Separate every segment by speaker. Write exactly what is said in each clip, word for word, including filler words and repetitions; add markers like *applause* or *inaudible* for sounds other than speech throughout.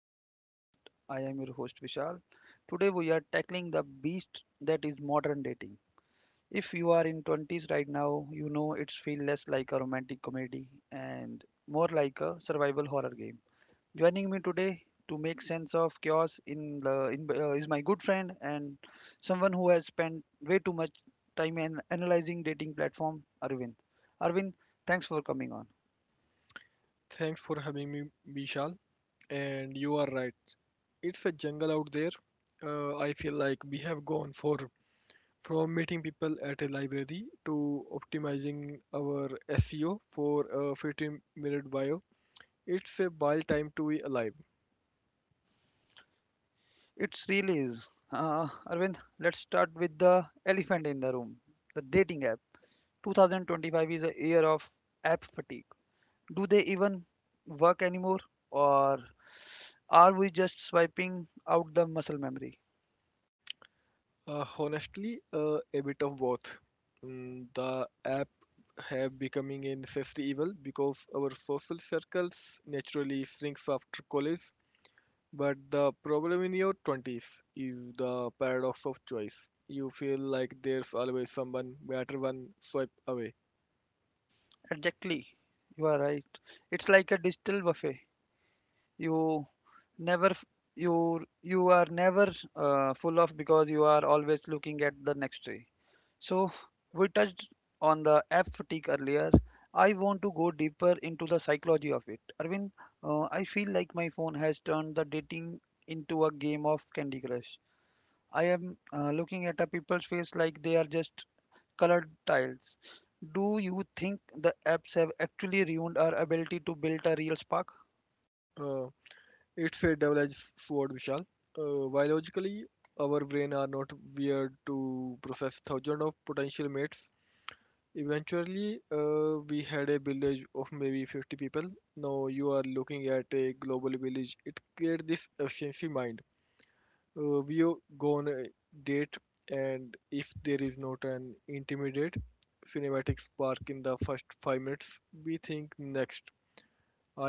Speaker 1: to our podcast. I am your host Vishal. Today, we are tackling the beast that is modern dating. If you are in twenties right now, you know it's feel less like a romantic comedy and more like a survival horror game. Joining me today to make sense of chaos in the in, uh, is my good friend and someone who has spent way too much time in analyzing dating platform, Arvind. Arvind, thanks for coming on.
Speaker 2: Thanks for having me, Vishal. And you are right. It's a jungle out there. Uh, I feel like we have gone for from meeting people at a library to optimizing our S E O for a fifteen minute bio. It's a wild time to be alive.
Speaker 1: It's really is. Uh, Arvind, let's start with the elephant in the room, the dating app. twenty twenty-five is a year of app fatigue. Do they even work anymore, or are we just swiping out the muscle memory?
Speaker 2: Uh, honestly, uh, a bit of both. Mm, the app have becoming a necessary evil because our social circles naturally shrinks after college. But the problem in your twenties is the paradox of choice. You feel like there's always someone better one swipe away.
Speaker 1: Exactly, you are right. It's like a digital buffet. You never, f- you you are never uh, full of because you are always looking at the next tray. So, we touched on the app fatigue earlier. I want to go deeper into the psychology of it. Arvind, uh, I feel like my phone has turned the dating into a game of Candy Crush. I am uh, looking at a people's face like they are just colored tiles. Do you think the apps have actually ruined our ability to build a real spark?
Speaker 2: Uh, it's a double edged sword, Vishal. Uh, biologically, our brain are not weird to process thousands of potential mates. Eventually, uh, we had a village of maybe fifty people. Now you are looking at a global village. It creates this efficiency mind. Uh, we o- go on a date, and if there is not an intimidate cinematic spark in the first five minutes, we think next.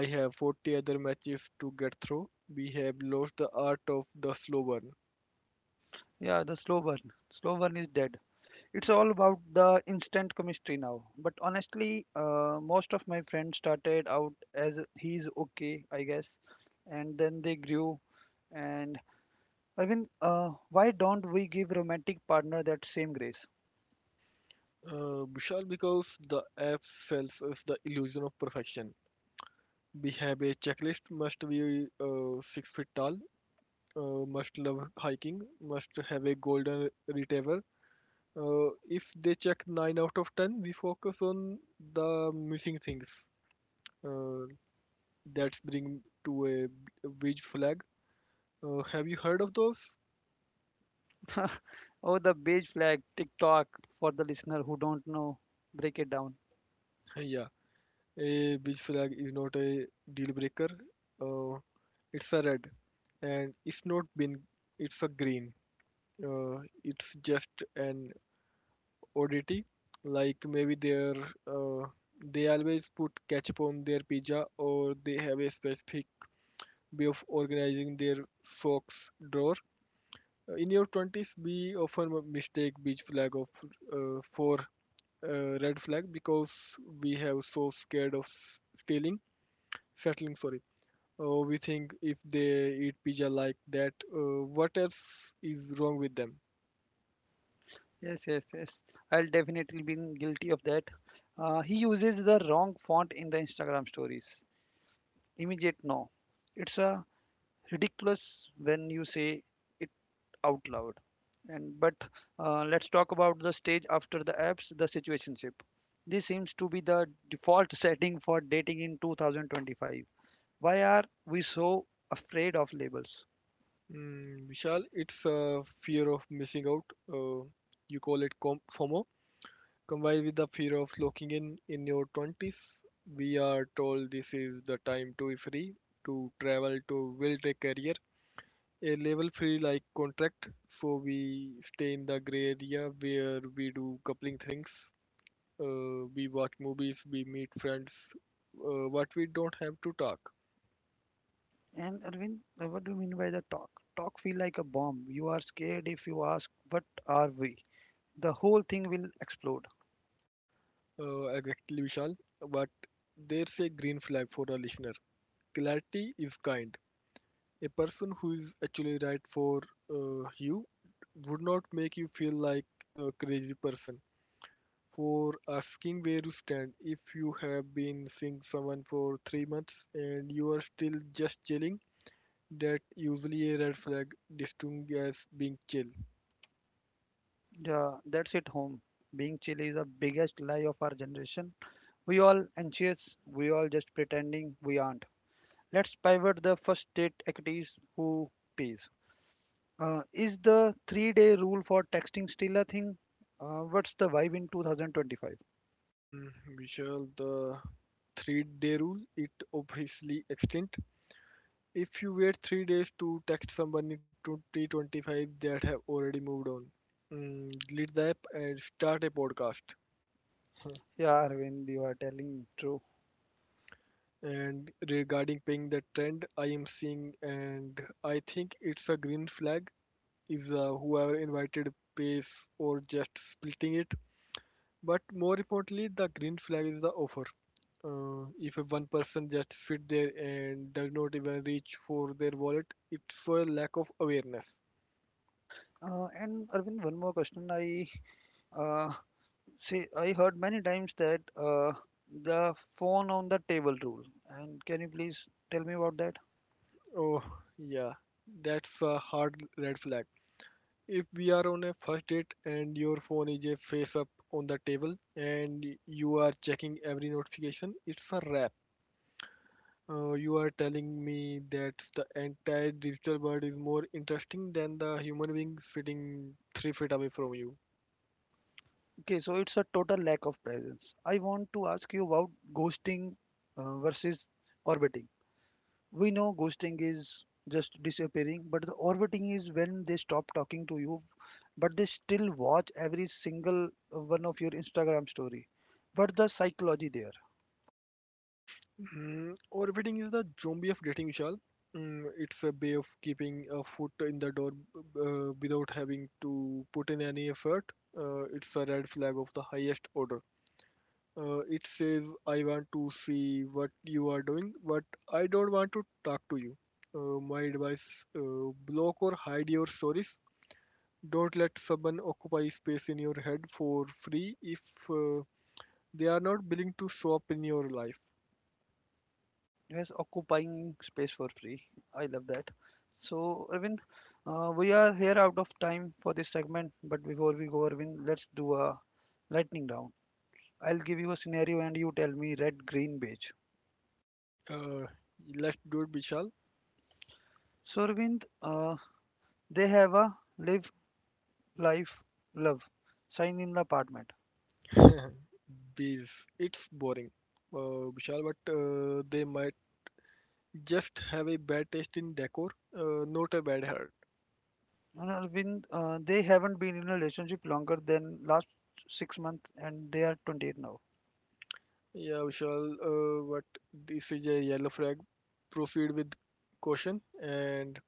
Speaker 2: I have forty other matches to get through. We have lost the art of the slow burn.
Speaker 1: Yeah, the slow burn. Slow burn is dead. It's all about the instant chemistry now. But honestly, uh, most of my friends started out as he's okay, I guess, and then they grew. And Arvind, uh, why don't we give romantic partner that same grace?
Speaker 2: uh, Vishal, because the app sells us the illusion of perfection, we have a checklist. Must be uh, six feet tall, uh, must love hiking, must have a golden retriever. Uh, if they check nine out of ten, we focus on the missing things, uh, that bring to a beige flag. Uh, have you heard of those? *laughs*
Speaker 1: *laughs* Oh, the beige flag, TikTok, for the listener who don't know, break it down.
Speaker 2: Yeah, a beige flag is not a deal breaker. Uh, it's a red, and it's not been. It's a green. Uh, it's just an oddity. Like maybe they're uh, they always put ketchup on their pizza, or they have a specific way of organizing their socks drawer. Uh, In your twenties, we often m- mistake beach flag of uh, for uh, red flag because we have so scared of s- stealing, settling. Sorry, uh, We think if they eat pizza like that, uh, what else is wrong with them?
Speaker 1: Yes, yes, yes. I'll definitely been guilty of that. Uh, he uses the wrong font in the Instagram stories. Immediate no. It's a ridiculous when you say it out loud and but uh, let's talk about the stage after the apps, the situationship. This seems to be the default *laughs* setting for dating in two thousand twenty-five. Why are we so afraid of labels?
Speaker 2: Mm, Vishal, it's a fear of missing out. Uh, you call it com- fomo, combined with the fear of locking in in your twenties. We are told this is the time to be free, to travel, to build a career, a level free like contract. So we stay in the gray area where we do coupling things, uh, we watch movies, we meet friends, uh, but we don't have to talk.
Speaker 1: And Arvind, uh, what do you mean by the talk? Talk feel like a bomb. You are scared if you ask what are we, the whole thing will explode.
Speaker 2: Uh, exactly, Vishal. But there's a green flag for the listener. Clarity is kind. A person who is actually right for uh, you would not make you feel like a crazy person for asking where you stand. If you have been seeing someone for three months and you are still just chilling, that usually a red flag distinguished as being chill.
Speaker 1: Yeah, that's it home. Being chill is the biggest lie of our generation. We all anxious, we all just pretending we aren't. Let's pivot the first state equities, who pays. Uh, is the three day rule for texting still a thing? Uh, what's the vibe in two thousand twenty-five?
Speaker 2: Hmm, Vishal, the three-day rule, it obviously extends. If you wait three days to text someone in twenty twenty-five, that have already moved on. Mm, delete the app and start a podcast. Huh.
Speaker 1: Yeah, Arvind, you are telling true.
Speaker 2: And regarding paying the trend, I am seeing, and I think it's a green flag, if the whoever invited pays or just splitting it. But more importantly, the green flag is the offer. Uh, if a one person just sit there and does not even reach for their wallet, it's for lack of awareness.
Speaker 1: Uh, and Arvind, one more question. I uh, say I heard many times that uh, the phone on the table rule. And can you please tell me about that?
Speaker 2: Oh, yeah, that's a hard red flag. If we are on a first date and your phone is a face up on the table and you are checking every notification, it's a wrap. Uh, you are telling me that the entire digital world is more interesting than the human being sitting three feet away from you.
Speaker 1: Okay, so it's a total lack of presence. I want to ask you about ghosting uh, versus orbiting. We know ghosting is just disappearing, but the orbiting is when they stop talking to you, but they still watch every single one of your Instagram story. But the psychology there,
Speaker 2: Mm, orbiting is the zombie of dating, Vishal. Mm, it's a way of keeping a foot in the door uh, without having to put in any effort. Uh, it's a red flag of the highest order. Uh, it says, I want to see what you are doing, but I don't want to talk to you. Uh, my advice uh, block or hide your stories. Don't let someone occupy space in your head for free if uh, they are not willing to show up in your life.
Speaker 1: yes, occupying space for free. I love that. So, Arvind, uh, we are here out of time for this segment, but before we go, Arvind, let's do a lightning round. I'll give you a scenario and you tell me red, green, beige.
Speaker 2: Uh, let's do it, Vishal.
Speaker 1: So, Arvind, uh, they have a live, life, love sign in the apartment.
Speaker 2: *laughs* Bees, it's boring, uh, Vishal, but uh, they might just have a bad taste in decor, uh, not a bad heart.
Speaker 1: And Arvind, uh, they haven't been in a relationship longer than last six months and they are twenty-eight now.
Speaker 2: Yeah, Vishal, uh, but this is a yellow flag. Proceed with caution. And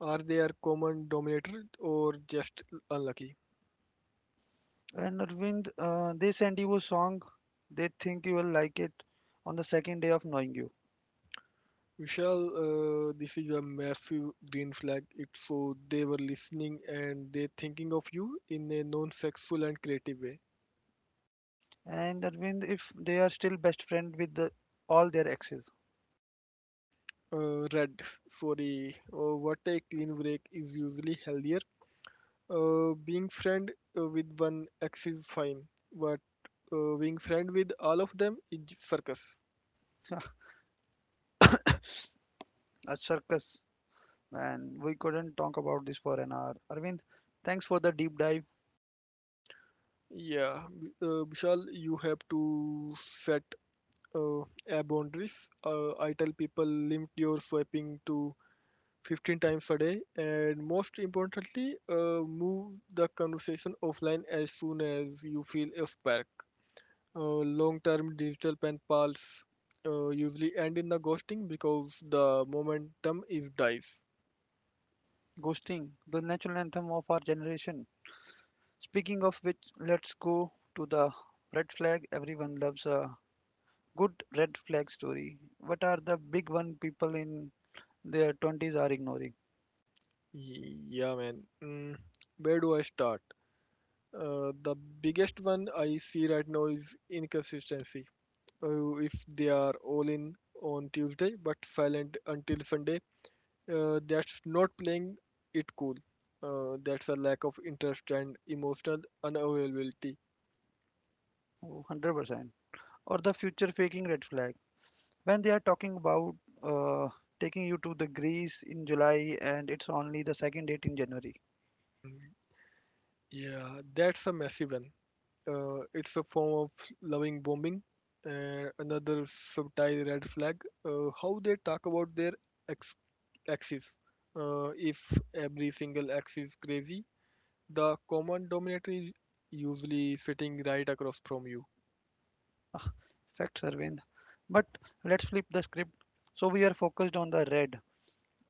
Speaker 2: are they a common dominator or just unlucky?
Speaker 1: And Arvind, uh, they send you a song, they think you will like it on the second day of knowing you.
Speaker 2: Vishal, uh, this is a massive green flag. It's so they were listening and they thinking of you in a non-sexual and creative way.
Speaker 1: And Arvind, if they are still best friend with the, all their exes,
Speaker 2: Uh, red for a uh, what, a clean break is usually healthier. Uh, being friend uh, with one ex is fine, but uh, being friend with all of them is circus.
Speaker 1: *laughs* a circus. And we couldn't talk about this for an hour. Arvind, thanks for the deep dive.
Speaker 2: Yeah, B- uh, Vishal, you have to set uh, a boundaries. Uh, I tell people limit your swiping to fifteen times a day, and most importantly, uh, move the conversation offline as soon as you feel a spark. Uh, long-term digital pen pals uh, usually end in the ghosting because the momentum is dies.
Speaker 1: Ghosting, the natural anthem of our generation. Speaking of which, let's go to the red flag. Everyone loves a good red flag story. What are the big one people in their twenties are ignoring?
Speaker 2: Y- Yeah, man. Mm, where do I start? Uh, the biggest one I see right now is inconsistency. Uh, if they are all in on Tuesday but silent until Sunday, uh, that's not playing it cool. Uh, that's a lack of interest and emotional unavailability.
Speaker 1: Oh, one hundred percent. Or the future faking red flag. When they are talking about uh, taking you to the Greece in July and it's only the second date in January.
Speaker 2: Hmm, Yeah, that's a massive one. Uh, it's a form of loving bombing. And another subtle red flag, uh, how they talk about their ex- axis. Uh, if every single axis is crazy, the common dominator is usually sitting right across from you.
Speaker 1: *laughs* Facts, Arvind. But let's flip the script. So we are focused on the red.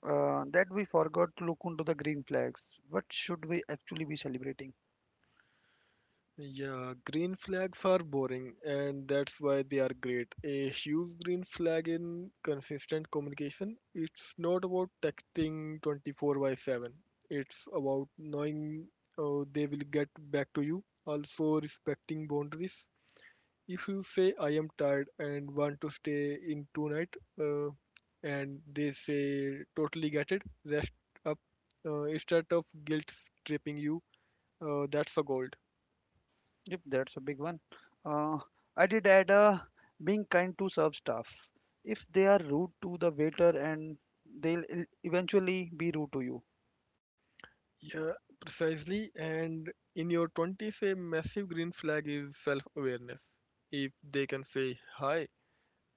Speaker 1: Uh, that we forgot to look into the green flags. What should we actually be celebrating?
Speaker 2: Yeah, green flags are boring, and that's why they are great. A huge green flag in consistent communication. It's not about texting twenty-four by seven. It's about knowing uh, they will get back to you. Also, respecting boundaries. If you say, I am tired and want to stay in tonight, uh, and they say, totally get it, rest up. Uh, instead of guilt tripping you, uh, that's a goal.
Speaker 1: Yep, that's a big one. Uh, I did add a being kind to serve staff. If they are rude to the waiter, and they'll e- eventually be rude to you.
Speaker 2: Yeah, precisely. And in your twenties, a massive green flag is self awareness. If they can say, Hi,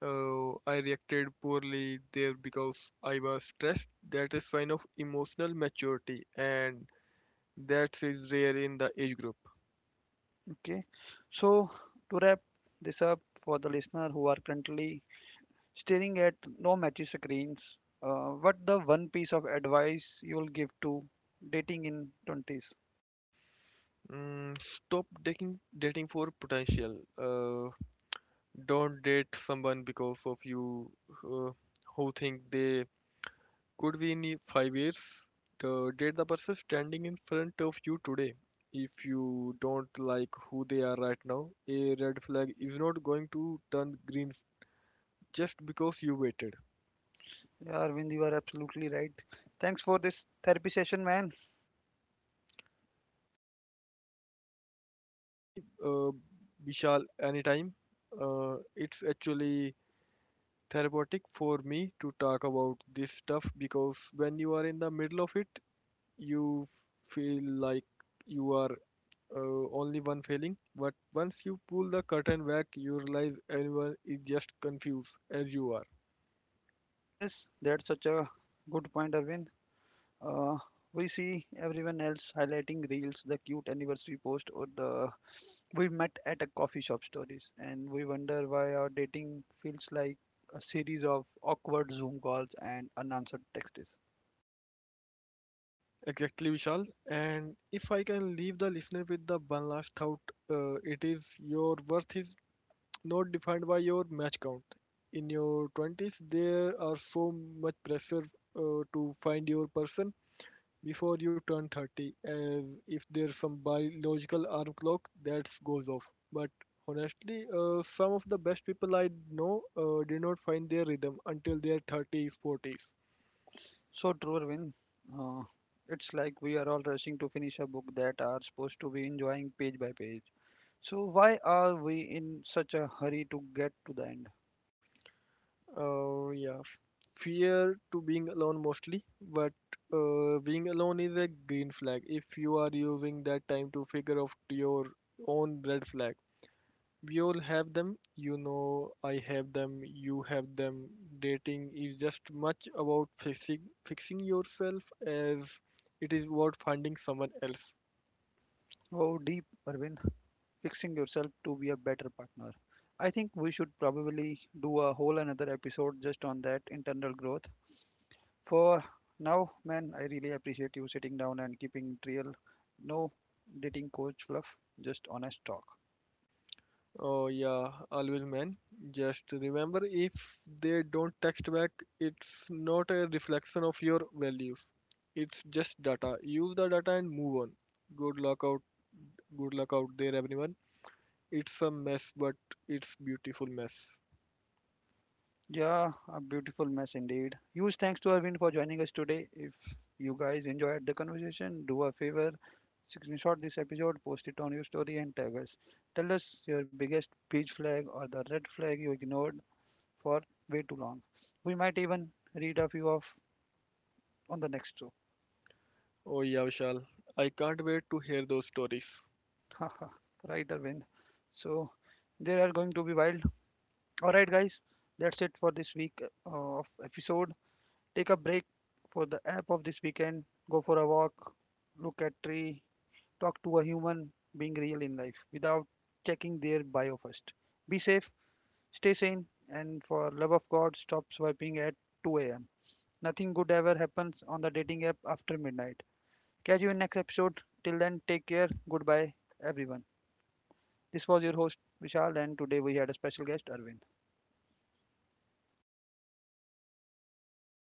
Speaker 2: uh, I reacted poorly there because I was stressed, that is sign of emotional maturity, and that is rare in the age group.
Speaker 1: Okay. So to wrap this up for the listener who are currently staring at no matchy screens. Uh, what the one piece of advice you'll give to dating in twenties?
Speaker 2: Mm, stop dating, dating for potential. Uh, don't date someone because of you uh, who think they could be in five years. To date the person standing in front of you today, if you don't like who they are right now, a red flag is not going to turn green just because you waited.
Speaker 1: Yeah, Arvind, you are absolutely right. Thanks for this therapy session, man.
Speaker 2: Actually, uh, vishal, anytime. Uh, it's actually therapeutic for me to talk about this stuff because when you are in the middle of it, you feel like you are uh, only one failing, but once you pull the curtain back, you realize everyone is just confused as you are.
Speaker 1: Yes, that's such a good point, Arvind. Uh, we see everyone else highlighting reels, the cute anniversary post, or the we met at a coffee shop stories, and we wonder why our dating feels like a series of awkward Zoom calls and unanswered texts.
Speaker 2: Exactly, Vishal. And if I can leave the listener with the one last thought, uh, it is, your worth is not defined by your match count. In your twenties, there are so much pressure uh, to find your person before you turn thirty, as if there's some biological alarm clock that goes off. But honestly, uh, some of the best people I know uh, did not find their rhythm until their thirties, forties.
Speaker 1: So true, Arvind. Uh, it's like we are all rushing to finish a book that are supposed to be enjoying page by page. So why are we in such a hurry to get to the end?
Speaker 2: Uh, yeah, fear to being alone mostly, but uh, being alone is a green flag if you are using that time to figure out your own red flag. We all have them. You know, I have them. You have them. Dating is just much about fixing fixing yourself as it is about finding someone else.
Speaker 1: Oh, deep, Arvind, fixing yourself to be a better partner. I think we should probably do a whole another episode just on that internal growth. For now, man, I really appreciate you sitting down and keeping it real. No dating coach fluff, just honest talk.
Speaker 2: Oh yeah, always man. Just remember, if they don't text back, it's not a reflection of your values. It's just data. Use the data and move on. Good luck out. Good luck out there, everyone. It's a mess, but it's beautiful mess.
Speaker 1: Yeah, a beautiful mess indeed. Huge thanks to Arvind for joining us today. If you guys enjoyed the conversation, do a favor, screenshot this episode, post it on your story, and tag us. Tell us your biggest peach flag or the red flag you ignored for way too long. We might even read a few of on the next show.
Speaker 2: Oh yeah, Vishal. I can't wait to hear those stories.
Speaker 1: *laughs* Right, Arvind. So there are going to be wild. All right, guys, that's it for this week uh, of episode. Take a break for the app of this weekend, go for a walk, look at tree, talk to a human being real in life without checking their bio first. Be safe, stay sane, and for love of God, stop swiping at two a m. Nothing good ever happens on the dating app after midnight. Catch you in next episode. Till then, take care. Goodbye, everyone. This was your host Vishal, and today we had a special guest, Arvind.